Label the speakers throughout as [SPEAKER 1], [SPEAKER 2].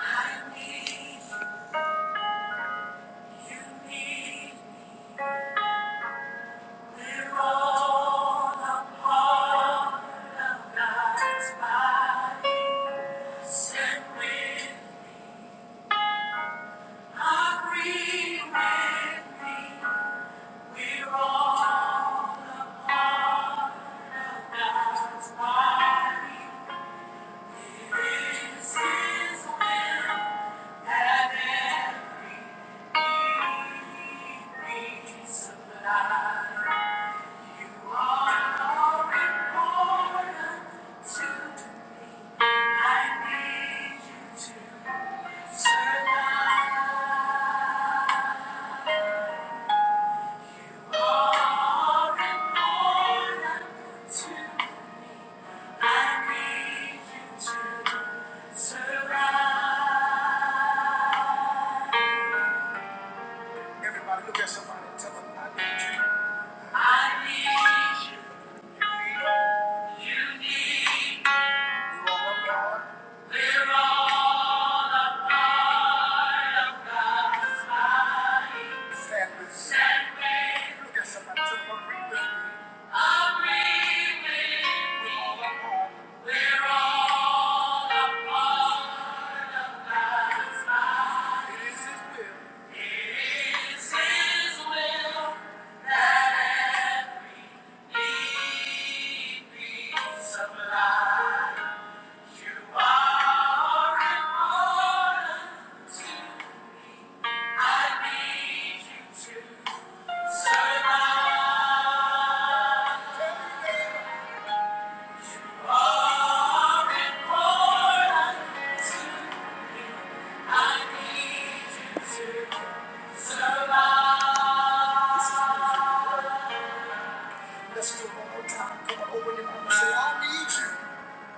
[SPEAKER 1] Survive. I need you to Everybody, look at somebody and tell them, I need you. I need you. You need me. We're all one God. We're all a family. Family. Look at somebody and tell them, agree with me. Agree with me. We're all one God. We're all. up. It is His will. It's His will. Lead me sublime. Let's do one more time. Come on, open your and say, I need you.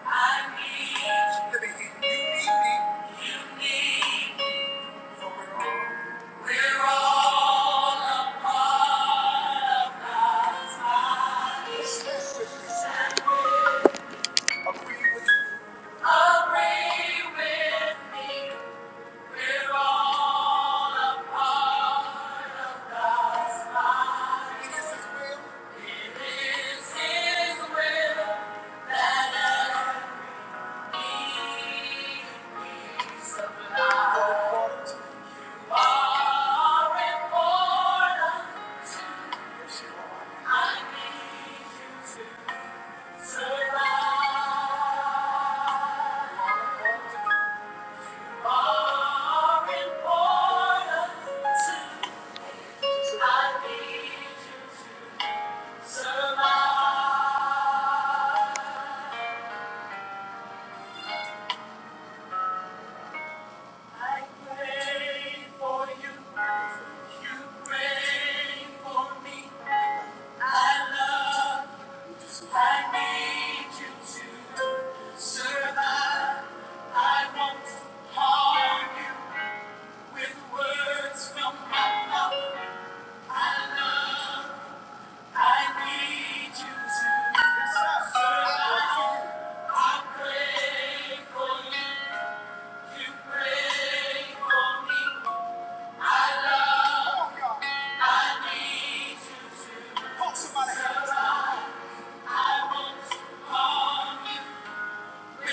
[SPEAKER 1] I need you. Let me hear you. need me. You need me. We're all a part of God's body. Agree with me. We're all a part. It is His will. It is His will that every need be supplied. Far important. I love I need you to survive. I won't harm you with words from my mouth. I love, I need you to survive. I pray for you, you pray for me. I love. I need you to. Survive. I won't harm you. I need you to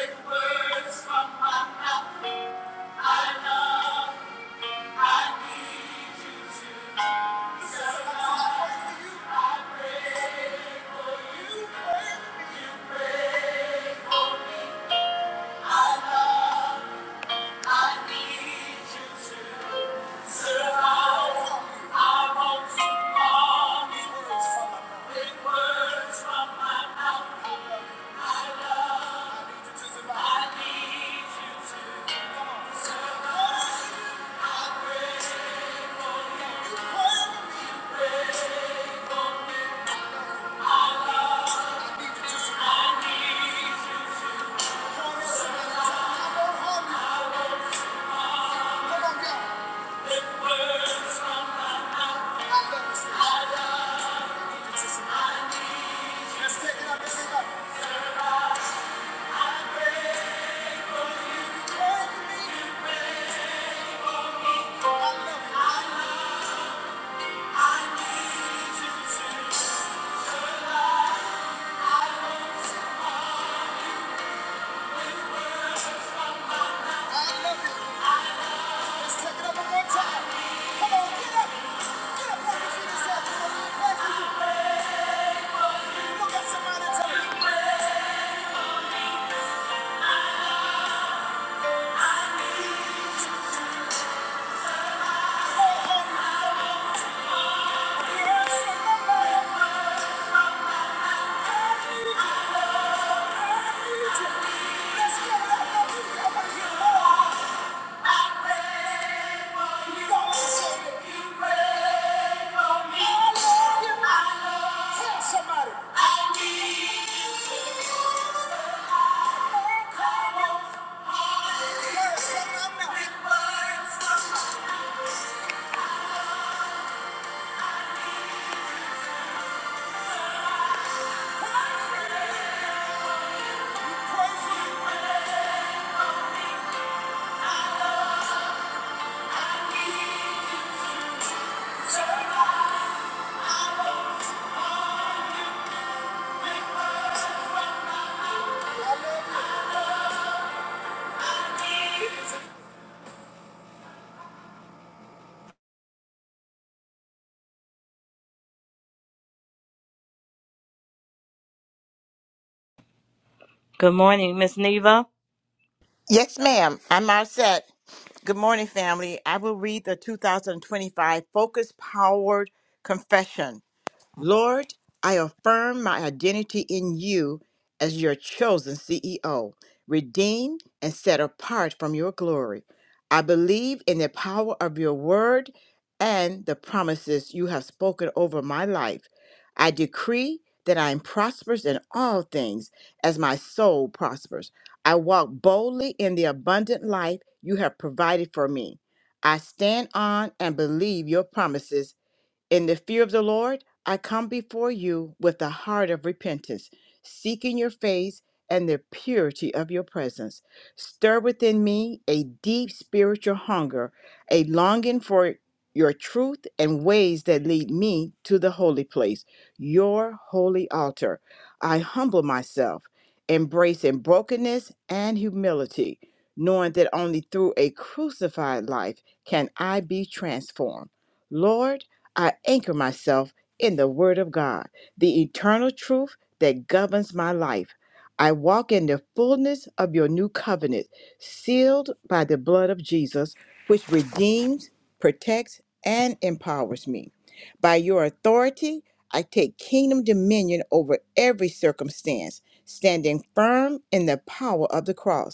[SPEAKER 1] survive. I need you to come on. Survive. I love you. Let's take it up one more time. Come on, get up. Get up off your feet and say, I feel a prayer you. Look at somebody and I need you. I call you, Yes, I'm a I need you, I need you. Let's get up. Now, people, I want to hear I love Somebody.
[SPEAKER 2] Good morning, Miss Neva.
[SPEAKER 3] Yes, ma'am. I'm all set. Good morning, family. I will read the 2025 Focus Powered Confession. Lord, I affirm my identity in you as your chosen CEO, redeemed and set apart from your glory. I believe in the power of your word and the promises you have spoken over my life. I decree that I am prosperous in all things as my soul prospers. I walk boldly in the abundant life you have provided for me. I stand on and believe your promises in the fear of the Lord, I come before you with a heart of repentance, seeking your face and the purity of your presence. Stir within me a deep spiritual hunger, a longing for your truth and ways that lead me to the holy place, your holy altar. I humble myself, embracing brokenness and humility, knowing that only through a crucified life can I be transformed. Lord, I anchor myself in the Word of God, the eternal truth that governs my life. I walk in the fullness of your new covenant, sealed by the blood of Jesus, which redeems, protects, and empowers me. By your authority, I take kingdom dominion over every circumstance, standing firm in the power of the cross.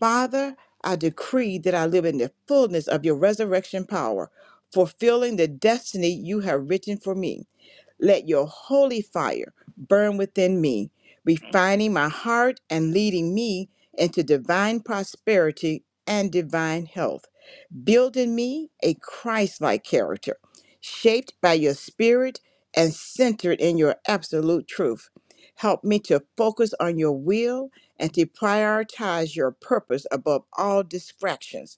[SPEAKER 3] Father, I decree that I live in the fullness of your resurrection power, fulfilling the destiny you have written for me. Let your holy fire burn within me, refining my heart and leading me into divine prosperity and divine health. Build in me a Christ like character, shaped by your spirit and centered in your absolute truth. Help me to focus on your will and to prioritize your purpose above all distractions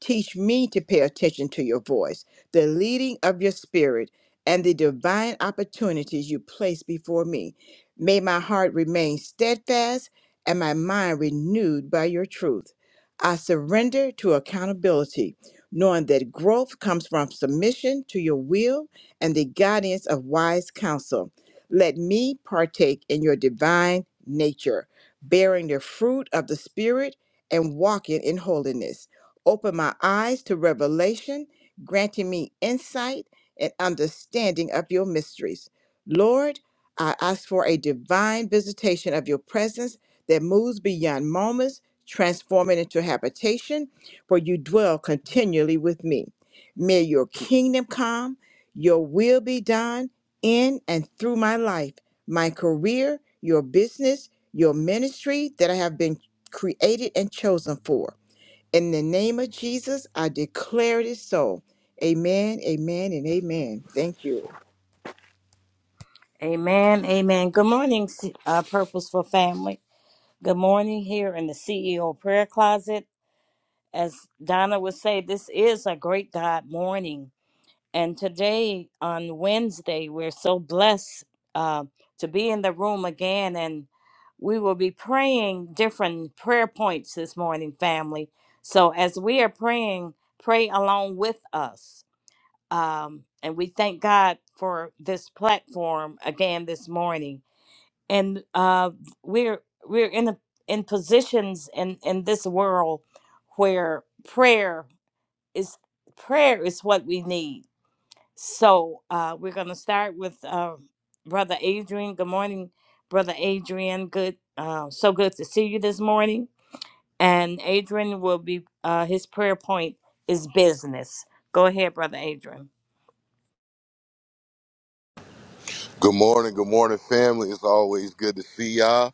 [SPEAKER 3] Teach me to pay attention to your voice, the leading of your spirit, and the divine opportunities you place before me. May my heart remain steadfast and my mind renewed by your truth. I surrender to accountability, knowing that growth comes from submission to your will and the guidance of wise counsel. Let me partake in your divine nature, bearing the fruit of the Spirit and walking in holiness. Open my eyes to revelation, granting me insight and understanding of your mysteries. Lord, I ask for a divine visitation of your presence that moves beyond moments, transforming into habitation where you dwell continually with me. May your kingdom come, your will be done in and through my life, my career, your business, your ministry that I have been created and chosen for. In the name of Jesus, I declare it is so. Amen, amen, and amen. Thank you.
[SPEAKER 2] Amen. Amen. Good morning, C- uh, Purposeful Family. Good morning here in the CEO Prayer Closet. As Donna would say, this is a great God morning. And today, on Wednesday, we're so blessed uh, to be in the room again. And we will be praying different prayer points this morning, family. So as we are praying, pray along with us. um, and we thank God for this platform again this morning. And uh, we're we're in a, in positions in in this world where prayer is prayer is what we need. So uh, we're going to start with uh, Brother Adrian. Good morning, Brother Adrian. Good, uh, so good to see you this morning. And Adrian will be uh, his prayer point is business. Go ahead, Brother Adrian.
[SPEAKER 4] Good morning, good morning, family. It's always good to see y'all.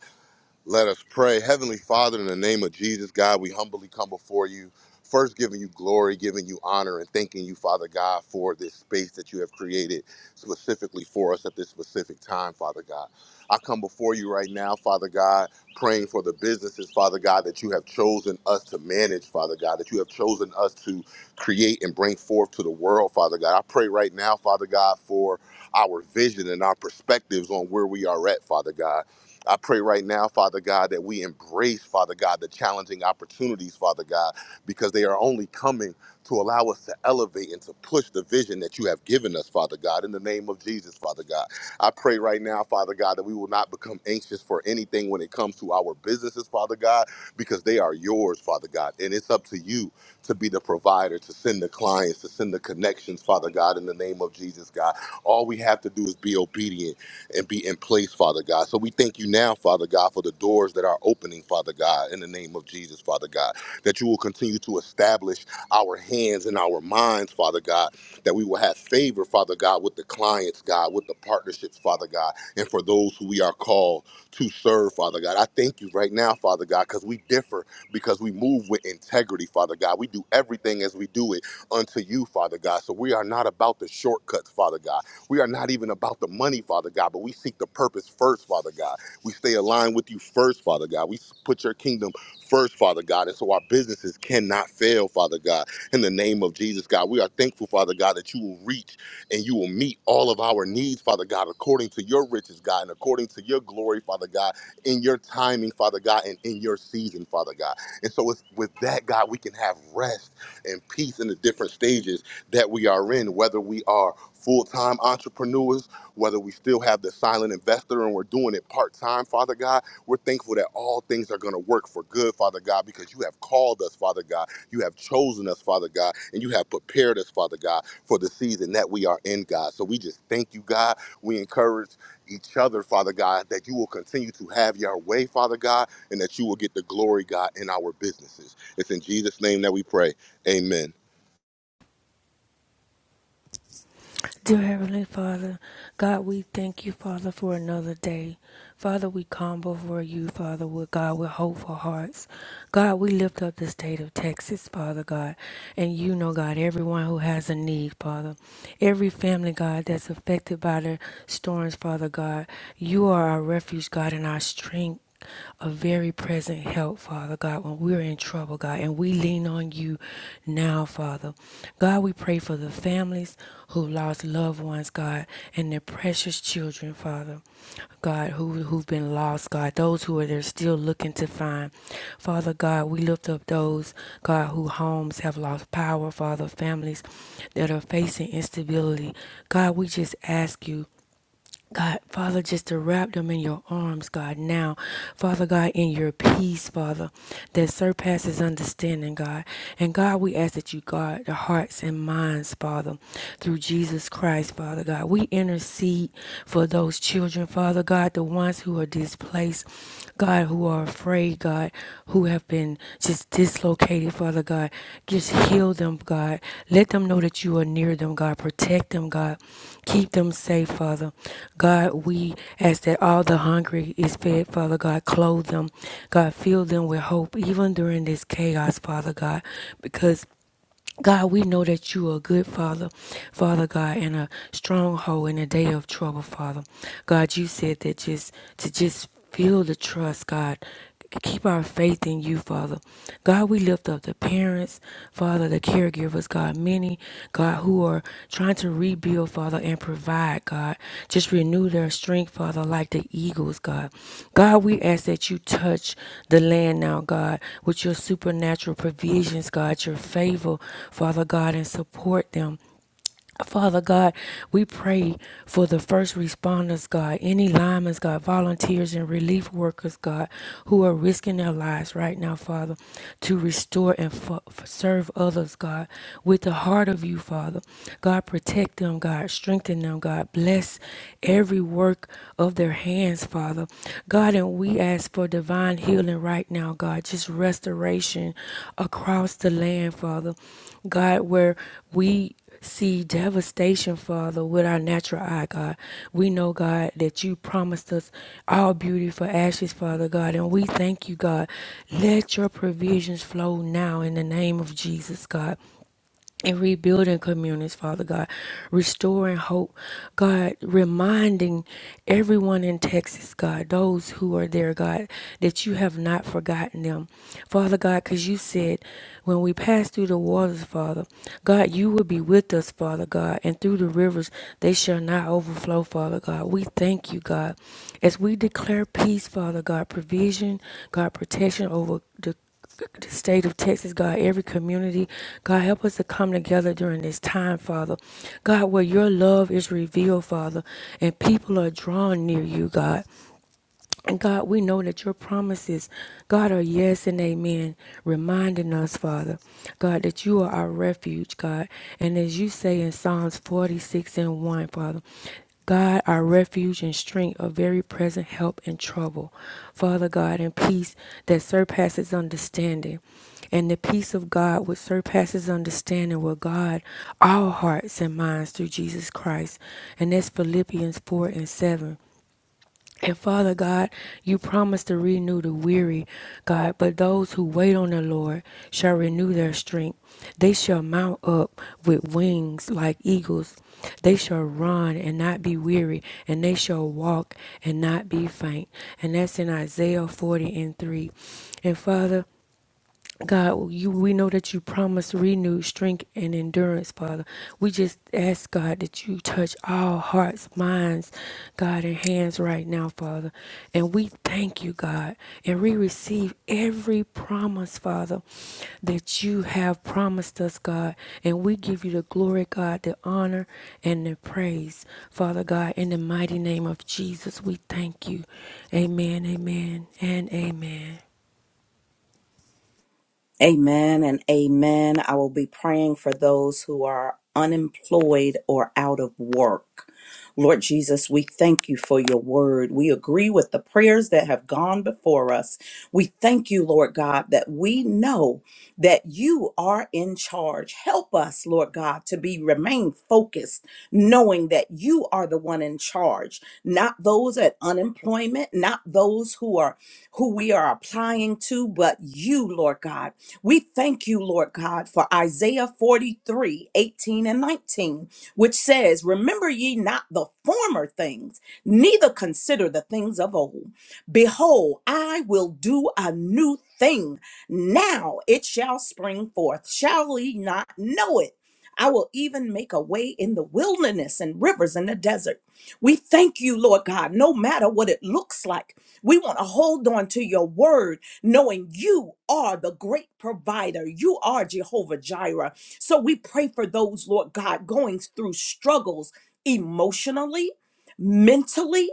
[SPEAKER 4] Let us pray. Heavenly Father, in the name of Jesus, God, we humbly come before you. First, giving you glory, giving you honor, and thanking you, Father God, for this space that you have created specifically for us at this specific time, Father God. I come before you right now, Father God, praying for the businesses, Father God, that you have chosen us to manage, Father God, that you have chosen us to create and bring forth to the world, Father God. I pray right now, Father God, for our vision and our perspectives on where we are at, Father God. I pray right now, Father God, that we embrace, Father God, the challenging opportunities, Father God, because they are only coming to allow us to elevate and to push the vision that you have given us, Father God, in the name of Jesus, Father God. I pray right now, Father God, that we will not become anxious for anything when it comes to our businesses, Father God, because they are yours, Father God. And it's up to you to be the provider, to send the clients, to send the connections, Father God, in the name of Jesus, God. All we have to do is be obedient and be in place, Father God. So we thank you now, Father God, for the doors that are opening, Father God, in the name of Jesus, Father God, that you will continue to establish our hands and our minds, Father God, that we will have favor, Father God, with the clients, God, with the partnerships, Father God, and for those who we are called to serve, Father God. I thank you right now, Father God, because we differ because we move with integrity, Father God. We do everything as we do it unto you, Father God. So we are not about the shortcuts, Father God. We are not even about the money, Father God, but we seek the purpose first, Father God. We stay aligned with you first, Father God. We put your kingdom first, Father God. And so our businesses cannot fail, Father God. In the name of Jesus, God, we are thankful, Father God, that you will reach and you will meet all of our needs, Father God, according to your riches, God, and according to your glory, Father God, in your timing, Father God, and in your season, Father God. And so it's, with that, God, we can have rest and peace in the different stages that we are in, whether we are full time entrepreneurs, whether we still have the silent investor and we're doing it part time, Father God. We're thankful that all things are going to work for good, Father God, because you have called us, Father God. You have chosen us, Father God, and you have prepared us, Father God, for the season that we are in, God. So we just thank you, God. We encourage each other, Father God, that you will continue to have your way, Father God, and that you will get the glory, God, in our businesses. It's in Jesus' name that we pray. Amen.
[SPEAKER 5] Dear Heavenly Father, God, we thank you, Father, for another day. Father, we come before you, Father, with God, with hopeful hearts. God, we lift up the state of Texas, Father God, and you know, God, everyone who has a need, Father, every family, God, that's affected by the storms, Father God, you are our refuge, God, and our strength a very present help, Father God, when we're in trouble, God, and we lean on you now, Father. God, we pray for the families who lost loved ones, God, and their precious children, Father. God, who, who've been lost, God, those who are there still looking to find. Father God, we lift up those, God, who homes have lost power, Father, families that are facing instability. God, we just ask you God, Father, just to wrap them in your arms, God, now. Father God, in your peace, Father, that surpasses understanding, God. And God, we ask that you guard the hearts and minds, Father, through Jesus Christ, Father God. We intercede for those children, Father God, the ones who are displaced, God, who are afraid, God, who have been just dislocated, Father God. Just heal them, God. Let them know that you are near them, God. Protect them, God. Keep them safe, Father. God, we ask that all the hungry is fed, Father God. Clothe them. God, fill them with hope, even during this chaos, Father God, because God, we know that you are a good Father, Father God, and a stronghold in a day of trouble, Father. God, you said that just to just feel the trust, God. Keep our faith in you, Father. God, we lift up the parents, Father, the caregivers, God, men many, God, who are trying to rebuild, Father, and provide, God. Just renew their strength, Father, like the eagles, God. God, we ask that you touch the land now, God, with your supernatural provisions, God, your favor, Father God, and support them. Father God, we pray for the first responders, God, any linemen, God, volunteers and relief workers, God, who are risking their lives right now, Father, to restore and f- serve others, God, with the heart of you, Father. God, protect them, God, strengthen them, God, bless every work of their hands, Father. God, and we ask for divine healing right now, God, just restoration across the land, Father. God, where we see devastation, Father, with our natural eye, God. We know, God, that you promised us all beauty for ashes, Father God, and we thank you, God. Let your provisions flow now in the name of Jesus, God and rebuilding communities, Father God, restoring hope, God, reminding everyone in Texas, God, those who are there, God, that you have not forgotten them, Father God, because you said when we pass through the waters, Father, God, you will be with us, Father God, and through the rivers they shall not overflow, Father God. We thank you, God, as we declare peace, Father God, provision, God, protection over. the the state of Texas, God, every community. God, help us to come together during this time, Father. God, where your love is revealed, Father, and people are drawn near you, God. And God, we know that your promises, God, are yes and amen, reminding us, Father, God, that you are our refuge, God. And as you say in Psalms 46 and 1, Father, God, our refuge and strength, a very present help in trouble. Father God, and peace that surpasses understanding. And the peace of God, which surpasses understanding, will guard our hearts and minds through Jesus Christ. And that's Philippians 4 and 7. And Father God, you promise to renew the weary, God, but those who wait on the Lord shall renew their strength. They shall mount up with wings like eagles. They shall run and not be weary, and they shall walk and not be faint. And that's in Isaiah 40 and 3. And Father, God, you we know that you promise renewed strength and endurance, Father. We just ask God that you touch all hearts, minds, God, and hands right now, Father. And we thank you, God, and we receive every promise, Father, that you have promised us, God. And we give you the glory, God, the honor and the praise, Father God, in the mighty name of Jesus. We thank you. Amen, amen, and amen.
[SPEAKER 1] Amen and amen. I will be praying for those who are unemployed or out of work. Lord Jesus, we thank you for your word. We agree with the prayers that have gone before us. We thank you, Lord God, that we know that you are in charge. Help us, Lord God, to be remain focused, knowing that you are the one in charge, not those at unemployment, not those who are who we are applying to, but you, Lord God. We thank you, Lord God, for Isaiah 43, 18 and 19, which says, Remember ye not the former things, neither consider the things of old. Behold, I will do a new thing. Now it shall spring forth. Shall ye not know it? I will even make a way in the wilderness and rivers in the desert. We thank you, Lord God, no matter what it looks like. We want to hold on to your word knowing you are the great provider. You are Jehovah Jireh. So we pray for those, Lord God, going through struggles emotionally, mentally,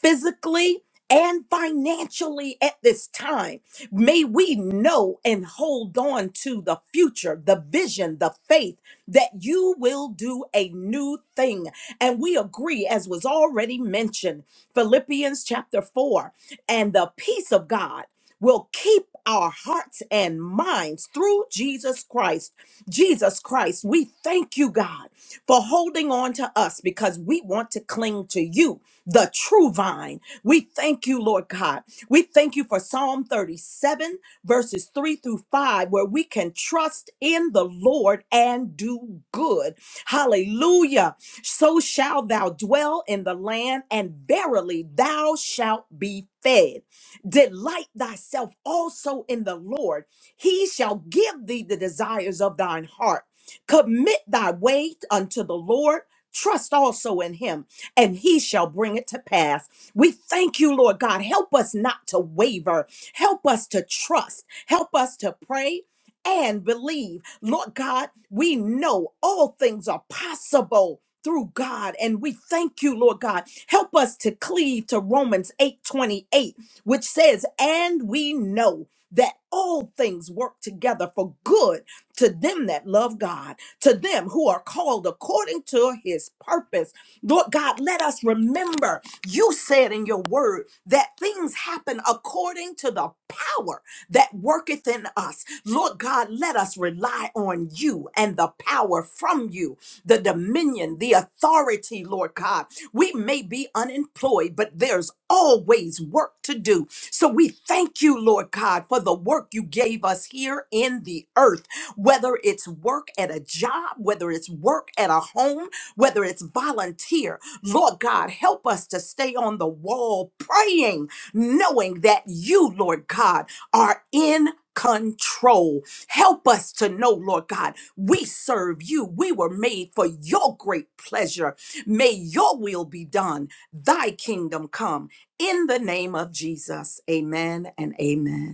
[SPEAKER 1] physically, and financially at this time. May we know and hold on to the future, the vision, the faith that you will do a new thing. And we agree, as was already mentioned, Philippians chapter 4, and the peace of God will keep our hearts and minds through Jesus Christ. Jesus Christ, we thank you, God, for holding on to us because we want to cling to you the true vine. We thank you, Lord God. We thank you for Psalm 37, verses 3 through 5, where we can trust in the Lord and do good. Hallelujah. So shall thou dwell in the land, and verily thou shalt be fed. Delight thyself also in the Lord, he shall give thee the desires of thine heart. Commit thy way unto the Lord. Trust also in him and he shall bring it to pass. We thank you, Lord God. Help us not to waver. Help us to trust. Help us to pray and believe. Lord God, we know all things are possible. Through God, and we thank you, Lord God. Help us to cleave to Romans 8 28, which says, And we know that all things work together for good to them that love God, to them who are called according to his purpose. Lord God, let us remember you said in your word that things happen according to the power that worketh in us. Lord God, let us rely on you and the power from you, the dominion, the authority, Lord God. We may be unemployed, but there's always work to do. So we thank you, Lord God, for the work you gave us here in the earth, whether it's work at a job, whether it's work at a home whether it's volunteer. Lord God, help us to stay on the wall praying, knowing that you, Lord God, are in control. Help us to know, Lord God, we serve you. We were made for your great pleasure. May your will be done, thy kingdom come. In the name of Jesus, amen and amen.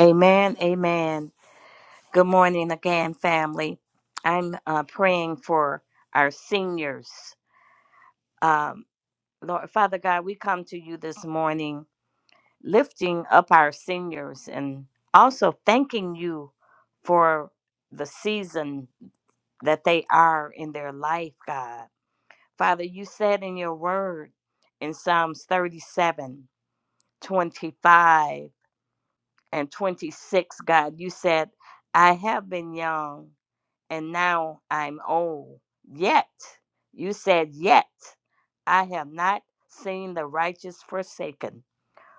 [SPEAKER 2] Amen. Amen. Good morning again, family. I'm uh, praying for our seniors. Um, Lord, Father God, we come to you this morning, lifting up our seniors and also thanking you for the season that they are in their life, God. Father, you said in your word in Psalms 37 25 and 26, God, you said, I have been young and now I'm old. Yet, you said, Yet I have not seen the righteous forsaken,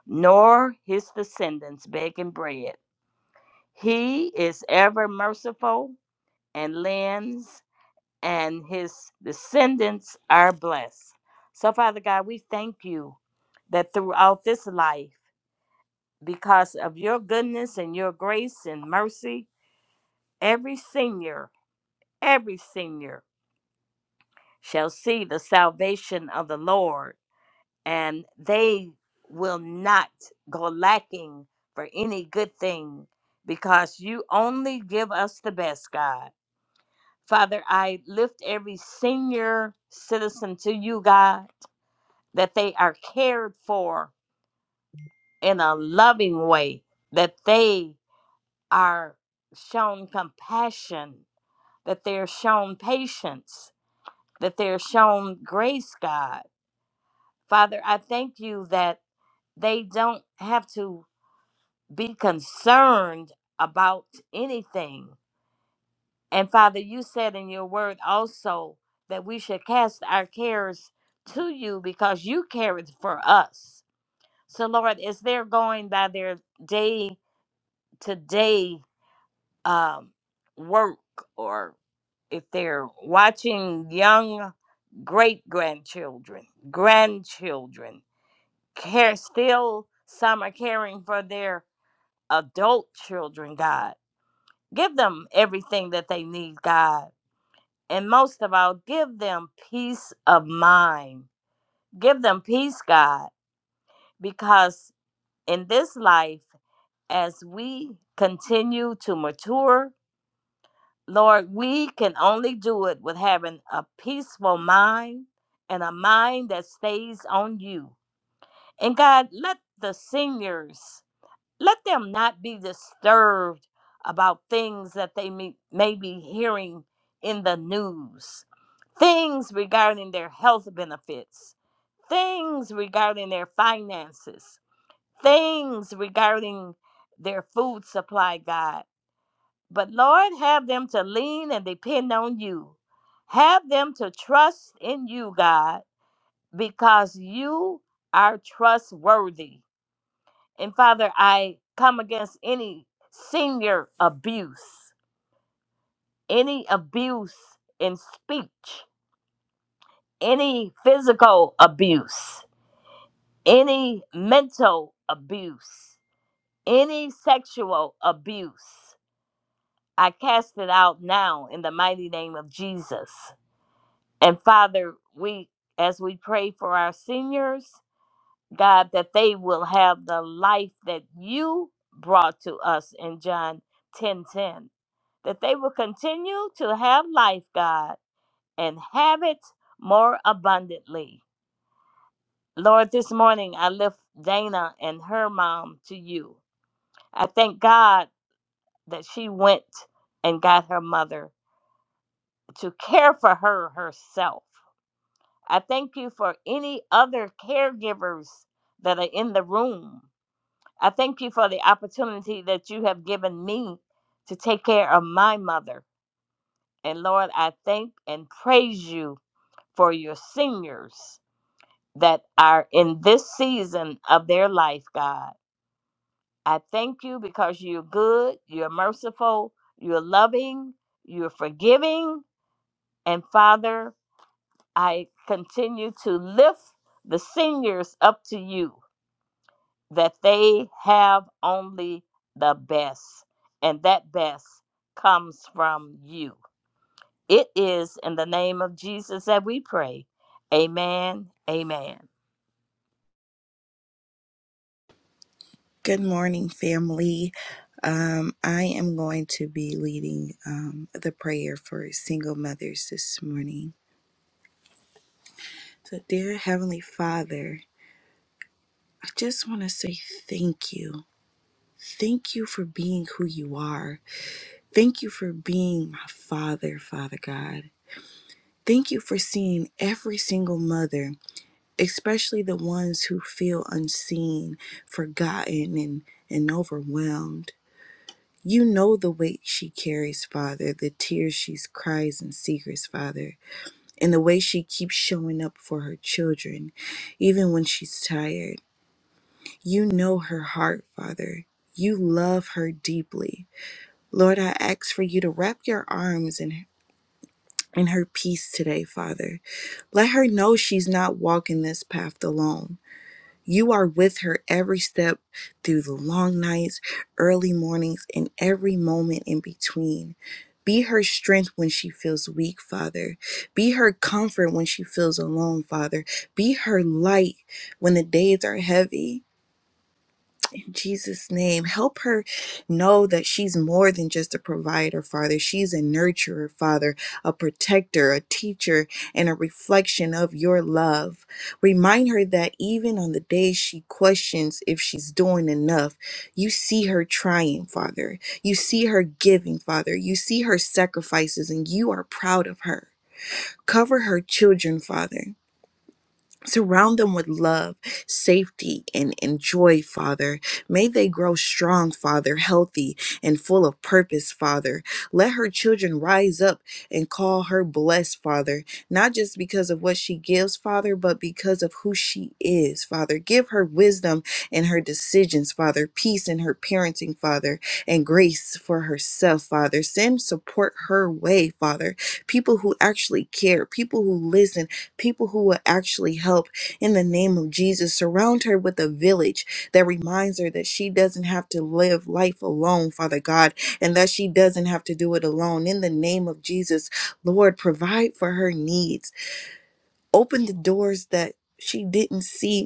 [SPEAKER 2] nor his descendants begging bread. He is ever merciful and lends, and his descendants are blessed. So, Father God, we thank you that throughout this life, because of your goodness and your grace and mercy, every senior, every senior shall see the salvation of the Lord, and they will not go lacking for any good thing because you only give us the best, God. Father, I lift every senior citizen to you, God, that they are cared for in a loving way, that they are shown compassion, that they are shown patience, that they are shown grace, God Father, I thank you that they don't have to be concerned about anything. And Father, you said in your word also that we should cast our cares to you because you careth for us. So, Lord, as they're going by their day to day um, work, or if they're watching young great grandchildren, grandchildren, care still some are caring for their adult children god give them everything that they need god and most of all give them peace of mind give them peace god because in this life as we continue to mature lord we can only do it with having a peaceful mind and a mind that stays on you and god let the seniors Let them not be disturbed about things that they may, may be hearing in the news, things regarding their health benefits, things regarding their finances, things regarding their food supply, God. But Lord, have them to lean and depend on you. Have them to trust in you, God, because you are trustworthy. And Father, I come against any senior abuse, any abuse in speech, any physical abuse, any mental abuse, any sexual abuse. I cast it out now in the mighty name of Jesus. And Father, we as we pray for our seniors, God, that they will have the life that you brought to us in John 10 10, That they will continue to have life, God, and have it more abundantly. Lord, this morning I lift Dana and her mom to you. I thank God that she went and got her mother to care for her herself. I thank you for any other caregivers that are in the room I thank you for the opportunity that you have given me to take care of my mother. And Lord, I thank and praise you for your seniors that are in this season of their life, God. I thank you because you're good, you're merciful, you're loving, you're forgiving. And Father, I continue to lift the seniors up to you that they have only the best, and that best comes from you. It is in the name of Jesus that we pray. Amen. Amen.
[SPEAKER 6] Good morning, family. Um, I am going to be leading um, the prayer for single mothers this morning. So, dear Heavenly Father, I just want to say thank you. Thank you for being who you are. Thank you for being my Father, Father God. Thank you for seeing every single mother, especially the ones who feel unseen, forgotten, and, and overwhelmed. You know the weight she carries, Father, the tears she cries in secrets, Father, and the way she keeps showing up for her children, even when she's tired. You know her heart, Father. You love her deeply. Lord, I ask for you to wrap your arms in, in her peace today, Father. Let her know she's not walking this path alone. You are with her every step through the long nights, early mornings, and every moment in between. Be her strength when she feels weak, Father. Be her comfort when she feels alone, Father. Be her light when the days are heavy. Jesus' name. Help her know that she's more than just a provider, Father. She's a nurturer, Father, a protector, a teacher, and a reflection of your love. Remind her that even on the days she questions if she's doing enough, you see her trying, Father. You see her giving, Father. You see her sacrifices, and you are proud of her. Cover her children, Father. Surround them with love, safety, and, and joy, Father. May they grow strong, Father, healthy and full of purpose, Father. Let her children rise up and call her blessed, Father, not just because of what she gives, Father, but because of who she is, Father. Give her wisdom in her decisions, Father, peace in her parenting, Father, and grace for herself, Father. Send support her way, Father. People who actually care, people who listen people who will actually help in the name of Jesus. Surround her with a village that reminds her that she doesn't have to live life alone, Father God, and that she doesn't have to do it alone. In the name of Jesus, Lord, provide for her needs. Open the doors that she didn't see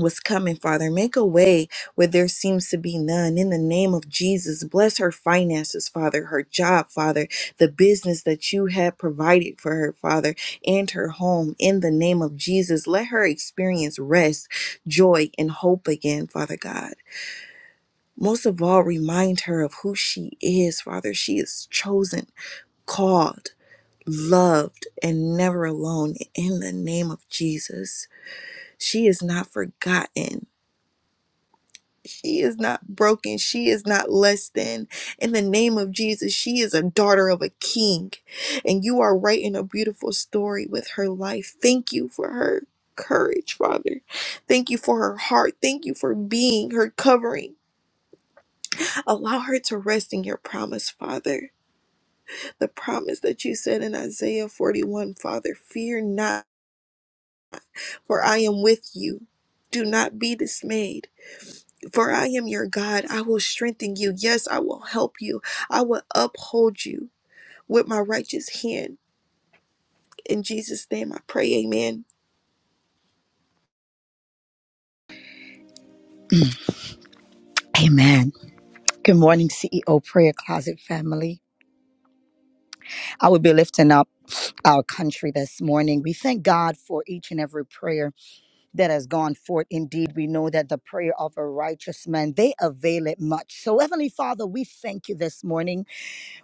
[SPEAKER 6] was coming, Father. Make a way where there seems to be none. In the name of Jesus, bless her finances, Father, her job, Father, the business that you have provided for her, Father, and her home. In the name of Jesus, let her experience rest, joy, and hope again, Father God. Most of all, remind her of who she is, Father. She is chosen, called, loved, and never alone. In the name of Jesus, she is not forgotten She is not broken. She is not less than. In the name of Jesus, she is a daughter of a king. And you are writing a beautiful story with her life. Thank you for her courage, Father. Thank you for her heart. Thank you for being her covering. Allow her to rest in your promise, Father. The promise that you said in Isaiah 41, Father, fear not, for I am with you. Do not be dismayed. For I am your God. I will strengthen you. Yes, I will help you. I will uphold you with my righteous hand. In Jesus' name I pray. Amen.
[SPEAKER 7] Amen. Good morning, CEO Prayer Closet family. I will be lifting up our country this morning. We thank God for each and every prayer that has gone forth. Indeed, we know that the prayer of a righteous man, they avail it much. So, Heavenly Father, we thank you this morning.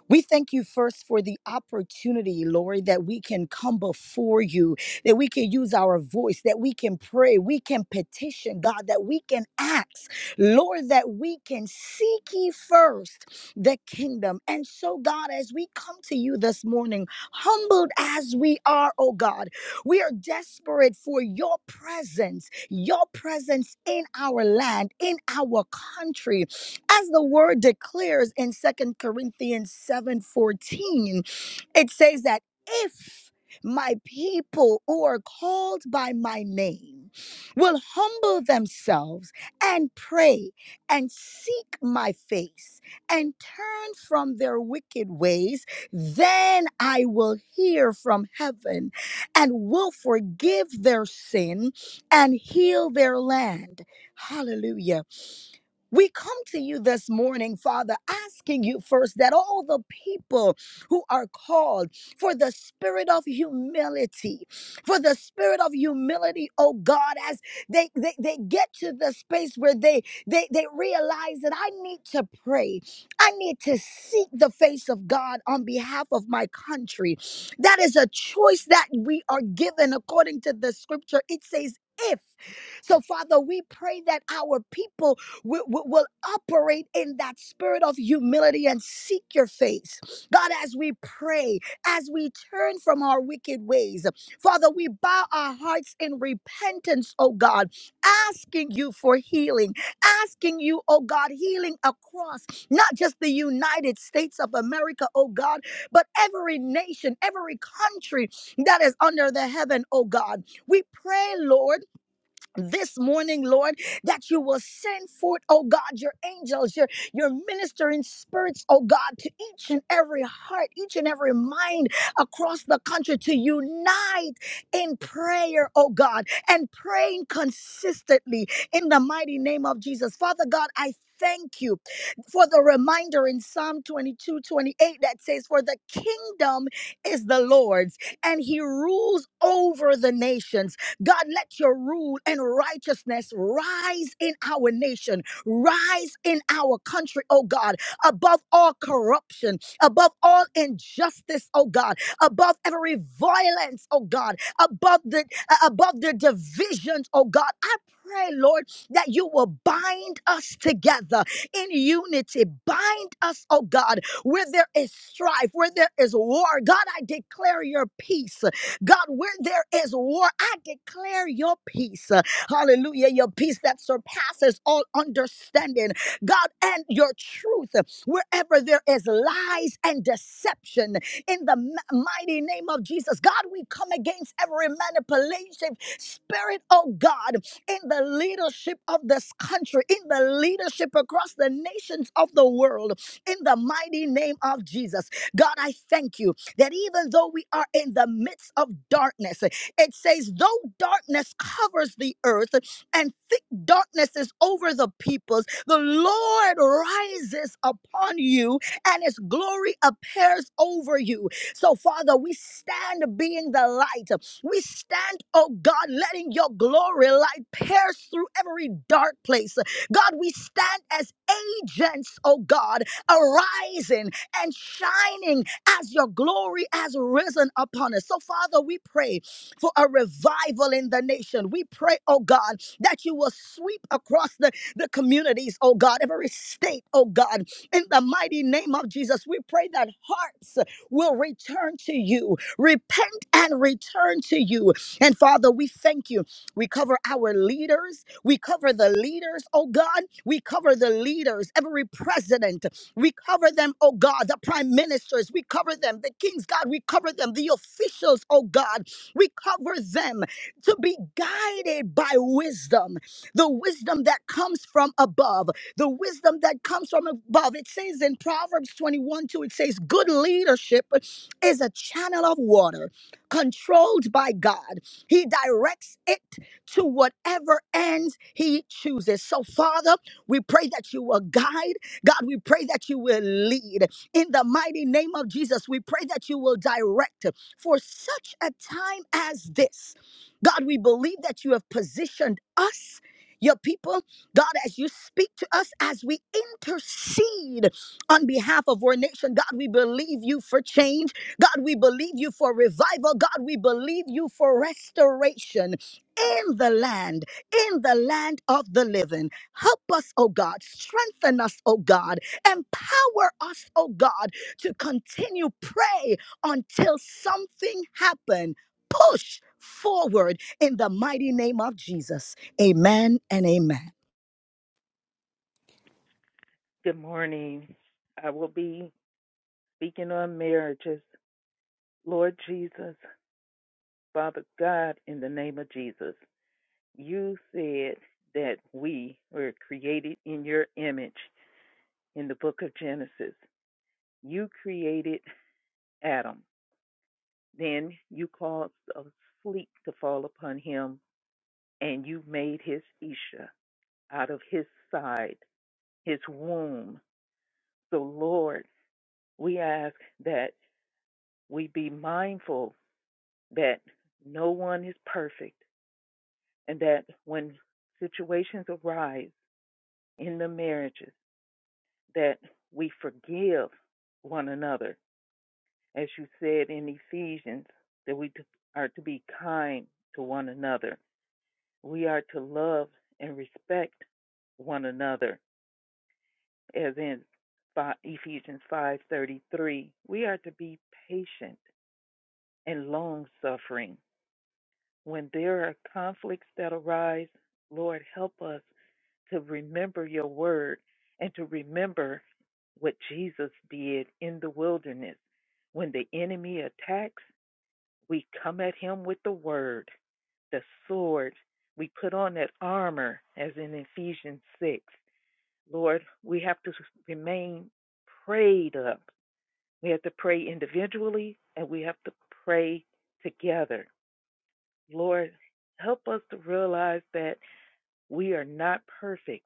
[SPEAKER 7] We thank you first for the opportunity, Lord, that we can come before you, that we can use our voice, that we can pray, we can petition, God, that we can ask, Lord, that we can seek ye first the kingdom. And so, God, as we come to you this morning, humbled as we are, oh God, we are desperate for your presence, your presence in our land, in our country as the word declares in Second Corinthians 7:14, it says that if my people who are called by my name will humble themselves and pray and seek my face and turn from their wicked ways, then I will hear from heaven and will forgive their sin and heal their land. Hallelujah. We come to you this morning, Father, asking you first that all the people who are called for the spirit of humility, for the spirit of humility, oh God, as they, they, they get to the space where they, they, they realize that I need to pray, I need to seek the face of God on behalf of my country. That is a choice that we are given according to the scripture. It says, if so, Father, we pray that our people will, will, will operate in that spirit of humility and seek your face. God, as we pray, as we turn from our wicked ways, Father, we bow our hearts in repentance, oh God, asking you for healing, asking you, oh God, healing across not just the United States of America, oh God, but every nation, every country that is under the heaven, oh God. We pray, Lord this morning, Lord, that you will send forth, oh God, your angels, your, your ministering spirits, oh God, to each and every heart, each and every mind across the country to unite in prayer, oh God, and praying consistently in the mighty name of Jesus. Father God, I Thank you for the reminder in Psalm 22 28 that says, For the kingdom is the Lord's, and he rules over the nations. God, let your rule and righteousness rise in our nation, rise in our country, oh God, above all corruption, above all injustice, oh God, above every violence, oh God, above the uh, above the divisions, oh God. I pray, Lord, that you will bind us together in unity. Bind us, oh God, where there is strife, where there is war. God, I declare your peace. God, where there is war, I declare your peace. Uh, Hallelujah. Your peace that surpasses all understanding. God, and your truth. uh, Wherever there is lies and deception, in the m- mighty name of Jesus, God, we come against every manipulative spirit, oh God, in the leadership of this country, in the leadership across the nations of the world, in the mighty name of Jesus. God, I thank you that even though we are in the midst of darkness, it says, though darkness covers the earth and thick darkness is over the peoples, the Lord rises upon you and his glory appears over you. So, Father, we stand being the light. We stand, oh God, letting your glory light pierce through every dark place. God, we stand as agents, oh God, arising and shining as your glory has risen upon us. So, Father, we pray for a revival in the nation. We pray, oh God, that you will sweep across the, the communities, oh God, every state, oh God, in the mighty name of Jesus. We pray that hearts will return to you, repent and return to you. And Father, we thank you. We cover our leaders, we cover the leaders, oh God, we cover the leaders, every president. We cover them, oh God, the prime ministers. We cover them, the kings, God. We cover them, the officials, oh God. We cover them to be guided by wisdom, the wisdom that comes from above, the wisdom that comes from above. It says in Proverbs 21 2, it says, Good leadership is a channel of water controlled by God. He directs it to whatever ends He chooses. So, Father, we pray that you will guide. God, we pray that you will lead. In the mighty name of Jesus, we pray that you will direct for such a time as this. God, we believe that you have positioned us. Your people, God, as you speak to us, as we intercede on behalf of our nation, God, we believe you for change. God, we believe you for revival. God, we believe you for restoration in the land, in the land of the living. Help us, oh God. Strengthen us, oh God. Empower us, oh God, to continue pray until something happen. Push forward in the mighty name of Jesus. Amen and amen.
[SPEAKER 8] Good morning. I will be speaking on marriages. Lord Jesus, Father God, in the name of Jesus, you said that we were created in your image in the book of Genesis. You created Adam. Then you caused a sleep to fall upon him, and you made his Isha out of his side, his womb. So, Lord, we ask that we be mindful that no one is perfect and that when situations arise in the marriages that we forgive one another as you said in Ephesians that we are to be kind to one another we are to love and respect one another as in Ephesians 5:33 we are to be patient and long suffering When there are conflicts that arise, Lord, help us to remember your word and to remember what Jesus did in the wilderness. When the enemy attacks, we come at him with the word, the sword. We put on that armor, as in Ephesians 6. Lord, we have to remain prayed up. We have to pray individually and we have to pray together. Lord, help us to realize that we are not perfect.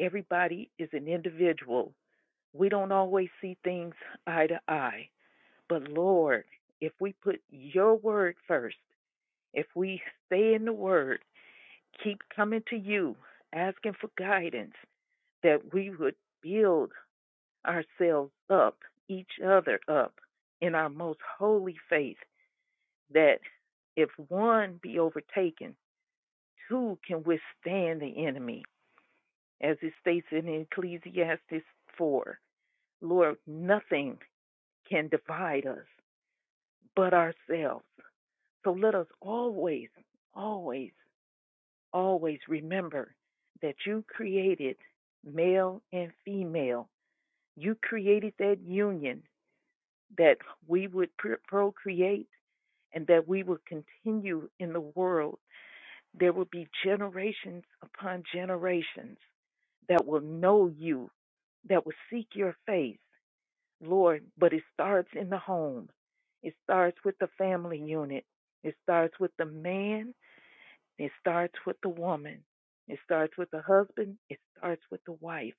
[SPEAKER 8] Everybody is an individual. We don't always see things eye to eye. But Lord, if we put your word first, if we stay in the word, keep coming to you, asking for guidance, that we would build ourselves up, each other up in our most holy faith, that if one be overtaken, who can withstand the enemy? As it states in Ecclesiastes 4 Lord, nothing can divide us but ourselves. So let us always, always, always remember that you created male and female. You created that union that we would procreate and that we would continue in the world There will be generations upon generations that will know you, that will seek your face, Lord. But it starts in the home, it starts with the family unit, it starts with the man, it starts with the woman, it starts with the husband, it starts with the wife.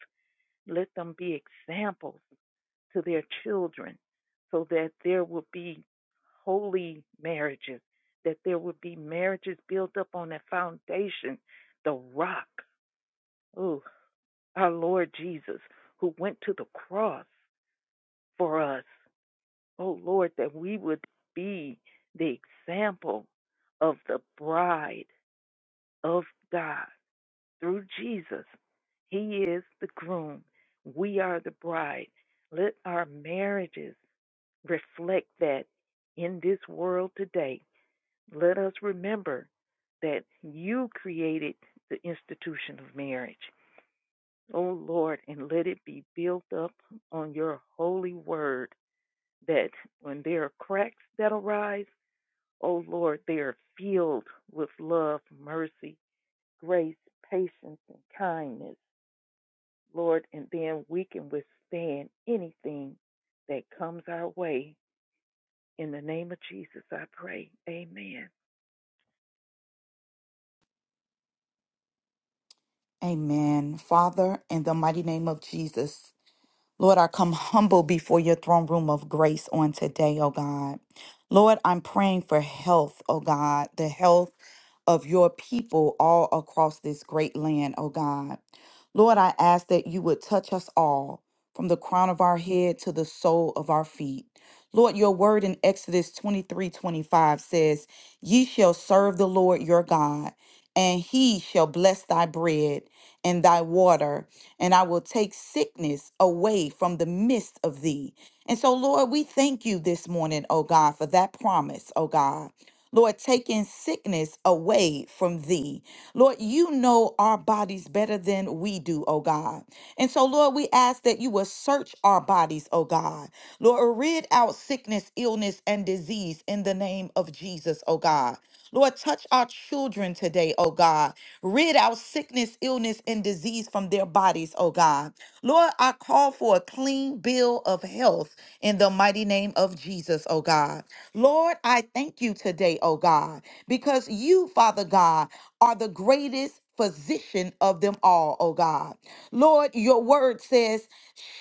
[SPEAKER 8] Let them be examples to their children so that there will be holy marriages, that there will be marriages built up on a foundation, the rock. Oh, our Lord Jesus, who went to the cross for us. Oh, Lord, that we would be the example of the bride of God through Jesus. He is the groom. We are the bride. Let our marriages reflect that in this world today. Let us remember that you created the institution of marriage. Oh Lord, and let it be built up on your holy word that when there are cracks that arise, oh Lord, they are filled with love, mercy, grace, patience, and kindness, Lord, and then we can withstand anything that comes our way In the name of Jesus, I pray. Amen.
[SPEAKER 9] Amen. Father, in the mighty name of Jesus. Lord, I come humble before your throne room of grace on today, oh God. Lord, I'm praying for health, oh God, the health of your people all across this great land, oh God. Lord, I ask that you would touch us all from the crown of our head to the sole of our feet. Lord, your word in Exodus 23 25 says, Ye shall serve the Lord your God, and he shall bless thy bread and thy water and I will take sickness away from the midst of thee. And so, Lord, we thank you this morning, oh God, for that promise, oh God. Lord, taking sickness away from thee. Lord, you know our bodies better than we do, oh God. And so, Lord, we ask that you will search our bodies, oh God. Lord, rid out sickness, illness, and disease in the name of Jesus, oh God. Lord, touch our children today, oh God. Rid out sickness, illness, and disease from their bodies, oh God. Lord, I call for a clean bill of health in the mighty name of Jesus, oh God. Lord, I thank you today, oh God, because you, Father God, are the greatest physician of them all, oh God. Lord, your word says,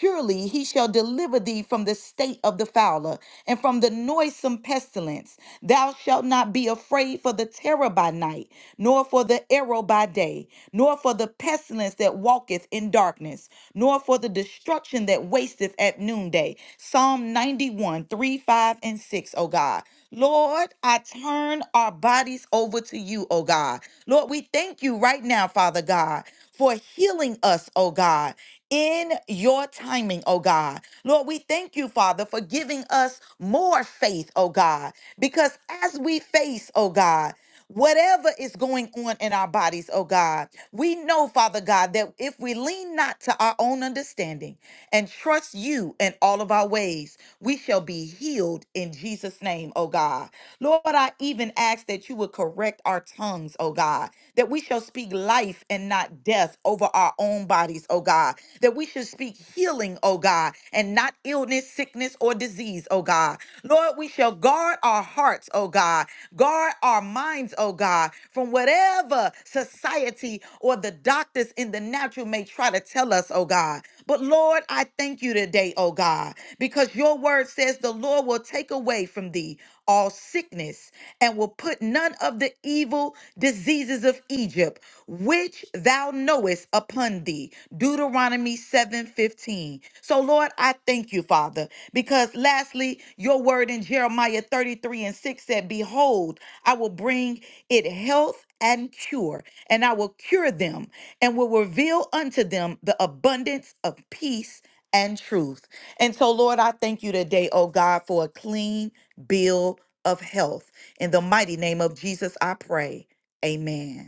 [SPEAKER 9] Surely he shall deliver thee from the state of the fowler and from the noisome pestilence. Thou shalt not be afraid for the terror by night, nor for the arrow by day, nor for the pestilence that walketh in darkness, nor for the destruction that wasteth at noonday. Psalm 91, 3, 5, and 6, oh God. Lord, I turn our bodies over to you, oh God. Lord, we thank you right now, Father God, for healing us, oh God, in your timing, oh God. Lord, we thank you, Father, for giving us more faith, oh God, because as we face, oh God, Whatever is going on in our bodies, oh God, we know, Father God, that if we lean not to our own understanding and trust you in all of our ways, we shall be healed in Jesus' name, oh God. Lord, I even ask that you would correct our tongues, oh God, that we shall speak life and not death over our own bodies, oh God, that we should speak healing, oh God, and not illness, sickness, or disease, oh God. Lord, we shall guard our hearts, oh God, guard our minds, oh God, from whatever society or the doctors in the natural may try to tell us, oh God. But Lord, I thank you today, oh God, because your word says the Lord will take away from thee all sickness, and will put none of the evil diseases of Egypt, which thou knowest upon thee. Deuteronomy 7:15. So Lord, I thank you, Father, because lastly, your word in Jeremiah 33 and 6 said, Behold, I will bring it health and cure, and I will cure them and will reveal unto them the abundance of peace and truth. And so, Lord, I thank you today, oh God, for a clean bill of health. In the mighty name of Jesus, I pray. Amen.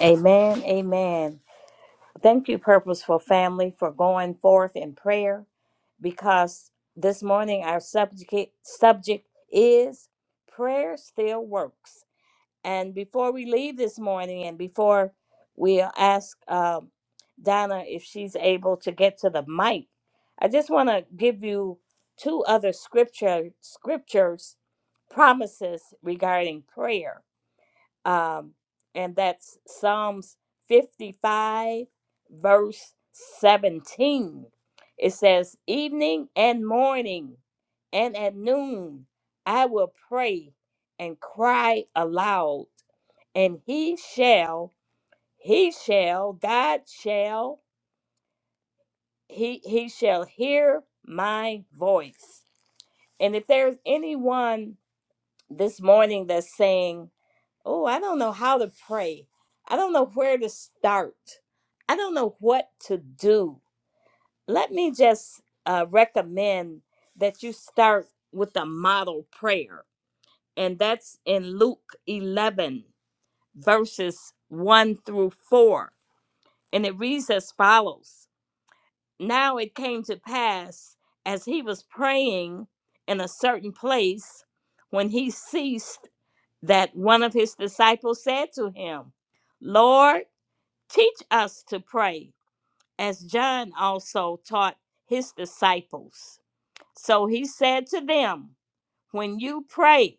[SPEAKER 2] Amen. Amen. Thank you, Purposeful Family, for going forth in prayer because this morning our subject, subject is Prayer Still Works. And before we leave this morning, and before we ask um, Donna if she's able to get to the mic, I just want to give you two other scripture scriptures promises regarding prayer, um, and that's Psalms fifty-five, verse seventeen. It says, "Evening and morning, and at noon, I will pray and cry aloud." and he shall he shall god shall he he shall hear my voice and if there's anyone this morning that's saying oh i don't know how to pray i don't know where to start i don't know what to do let me just uh, recommend that you start with the model prayer and that's in luke 11 verses 1 through 4 And it reads as follows Now it came to pass as he was praying in a certain place when he ceased that one of his disciples said to him, Lord, teach us to pray, as John also taught his disciples. So he said to them, When you pray,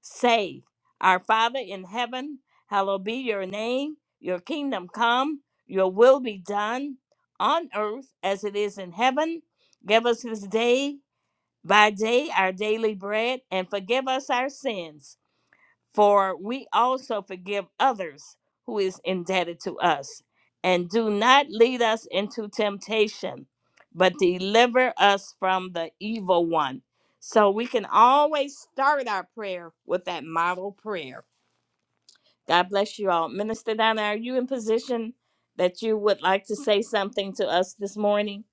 [SPEAKER 2] Say, Our Father in heaven, hallowed be your name, your kingdom come, your will be done on earth as it is in heaven. Give us this day by day our daily bread and forgive us our sins for we also forgive others who is indebted to us. And do not lead us into temptation, but deliver us from the evil one. So we can always start our prayer with that model prayer. God bless you all. Minister Donna, are you in position that you would like to say something to us this morning?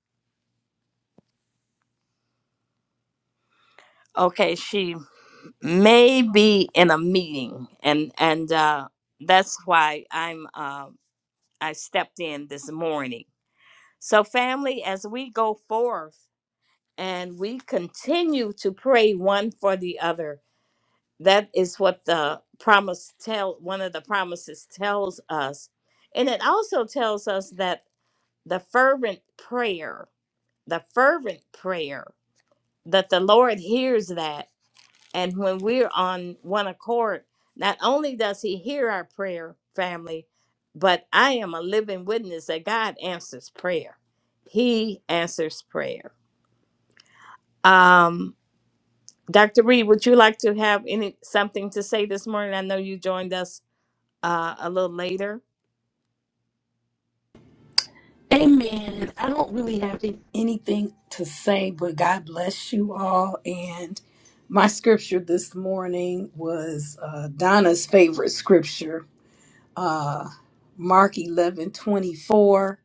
[SPEAKER 2] Okay, she may be in a meeting, and and uh, that's why I'm. uh, I stepped in this morning. So, family, as we go forth and we continue to pray one for the other, that is what the promise tell one of the promises tells us. And it also tells us that the fervent prayer, the fervent prayer that the Lord hears that and when we're on one accord, not only does He hear our prayer, family, but I am a living witness that God answers prayer. He answers prayer. Um, Dr. Reed, would you like to have any something to say this morning? I know you joined us uh, a little later.
[SPEAKER 10] Amen. I don't really have anything to say, but God bless you all. And my scripture this morning was uh, Donna's favorite scripture, uh, Mark eleven twenty four,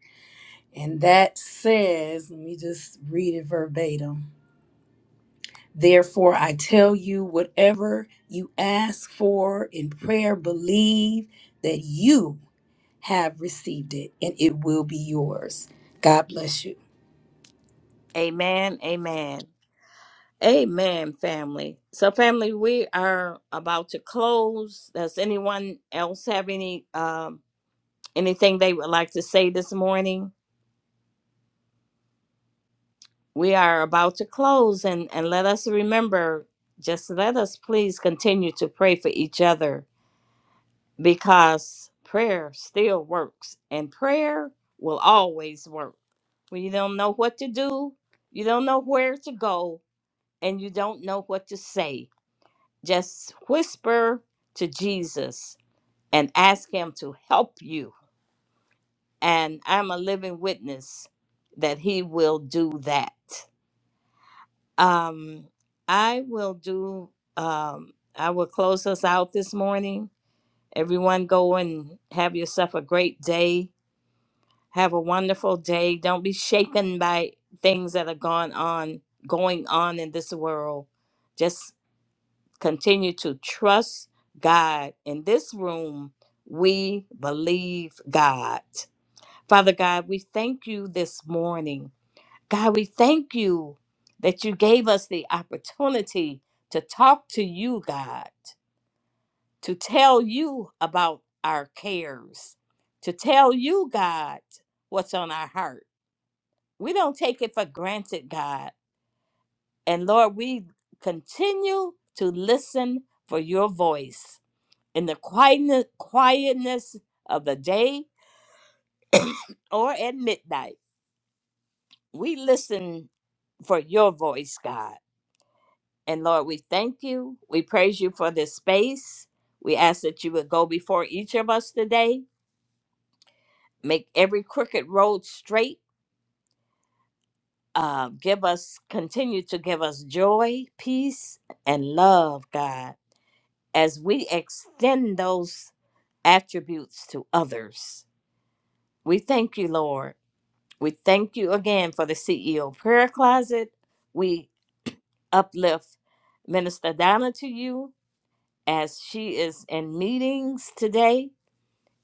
[SPEAKER 10] And that says, let me just read it verbatim. Therefore, I tell you, whatever you ask for in prayer, believe that you have received it and it will be yours. God bless you.
[SPEAKER 2] Amen. Amen. Amen, family. So, family, we are about to close. Does anyone else have any um, anything they would like to say this morning? we are about to close and and let us remember just let us please continue to pray for each other because prayer still works and prayer will always work when you don't know what to do you don't know where to go and you don't know what to say just whisper to jesus and ask him to help you and i'm a living witness that he will do that Um, I will do, um, I will close us out this morning. Everyone go and have yourself a great day. Have a wonderful day. Don't be shaken by things that are going on, going on in this world. Just continue to trust God. In this room, we believe God. Father God, we thank you this morning. God, we thank you that you gave us the opportunity to talk to you, God, to tell you about our cares, to tell you, God, what's on our heart. We don't take it for granted, God. And Lord, we continue to listen for your voice in the quietness, quietness of the day or at midnight. We listen for your voice, God. And Lord, we thank you. We praise you for this space. We ask that you would go before each of us today, make every crooked road straight. Uh, give us, continue to give us joy, peace, and love, God, as we extend those attributes to others. We thank you, Lord. We thank you again for the CEO prayer closet. We uplift Minister Donna to you as she is in meetings today.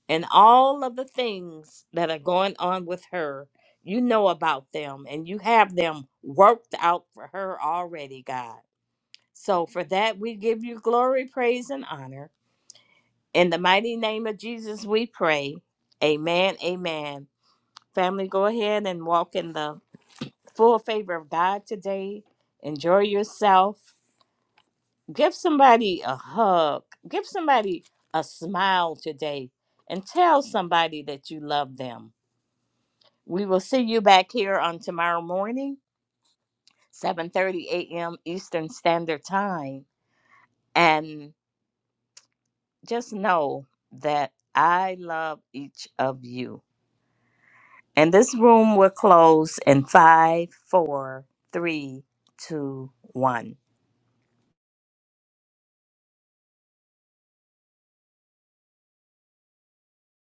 [SPEAKER 2] and all of the things that are going on with her. You know about them and you have them worked out for her already, God. So for that, we give you glory, praise, and honor. In the mighty name of Jesus, we pray. Amen. Amen. Family, go ahead and walk in the full favor of God today. Enjoy yourself. Give somebody a hug. Give somebody a smile today and tell somebody that you love them We will see you back here on tomorrow morning, 7:30 a.m. Eastern Standard Time. And just know that I love each of you. And this room will close in five, four, three, two, one.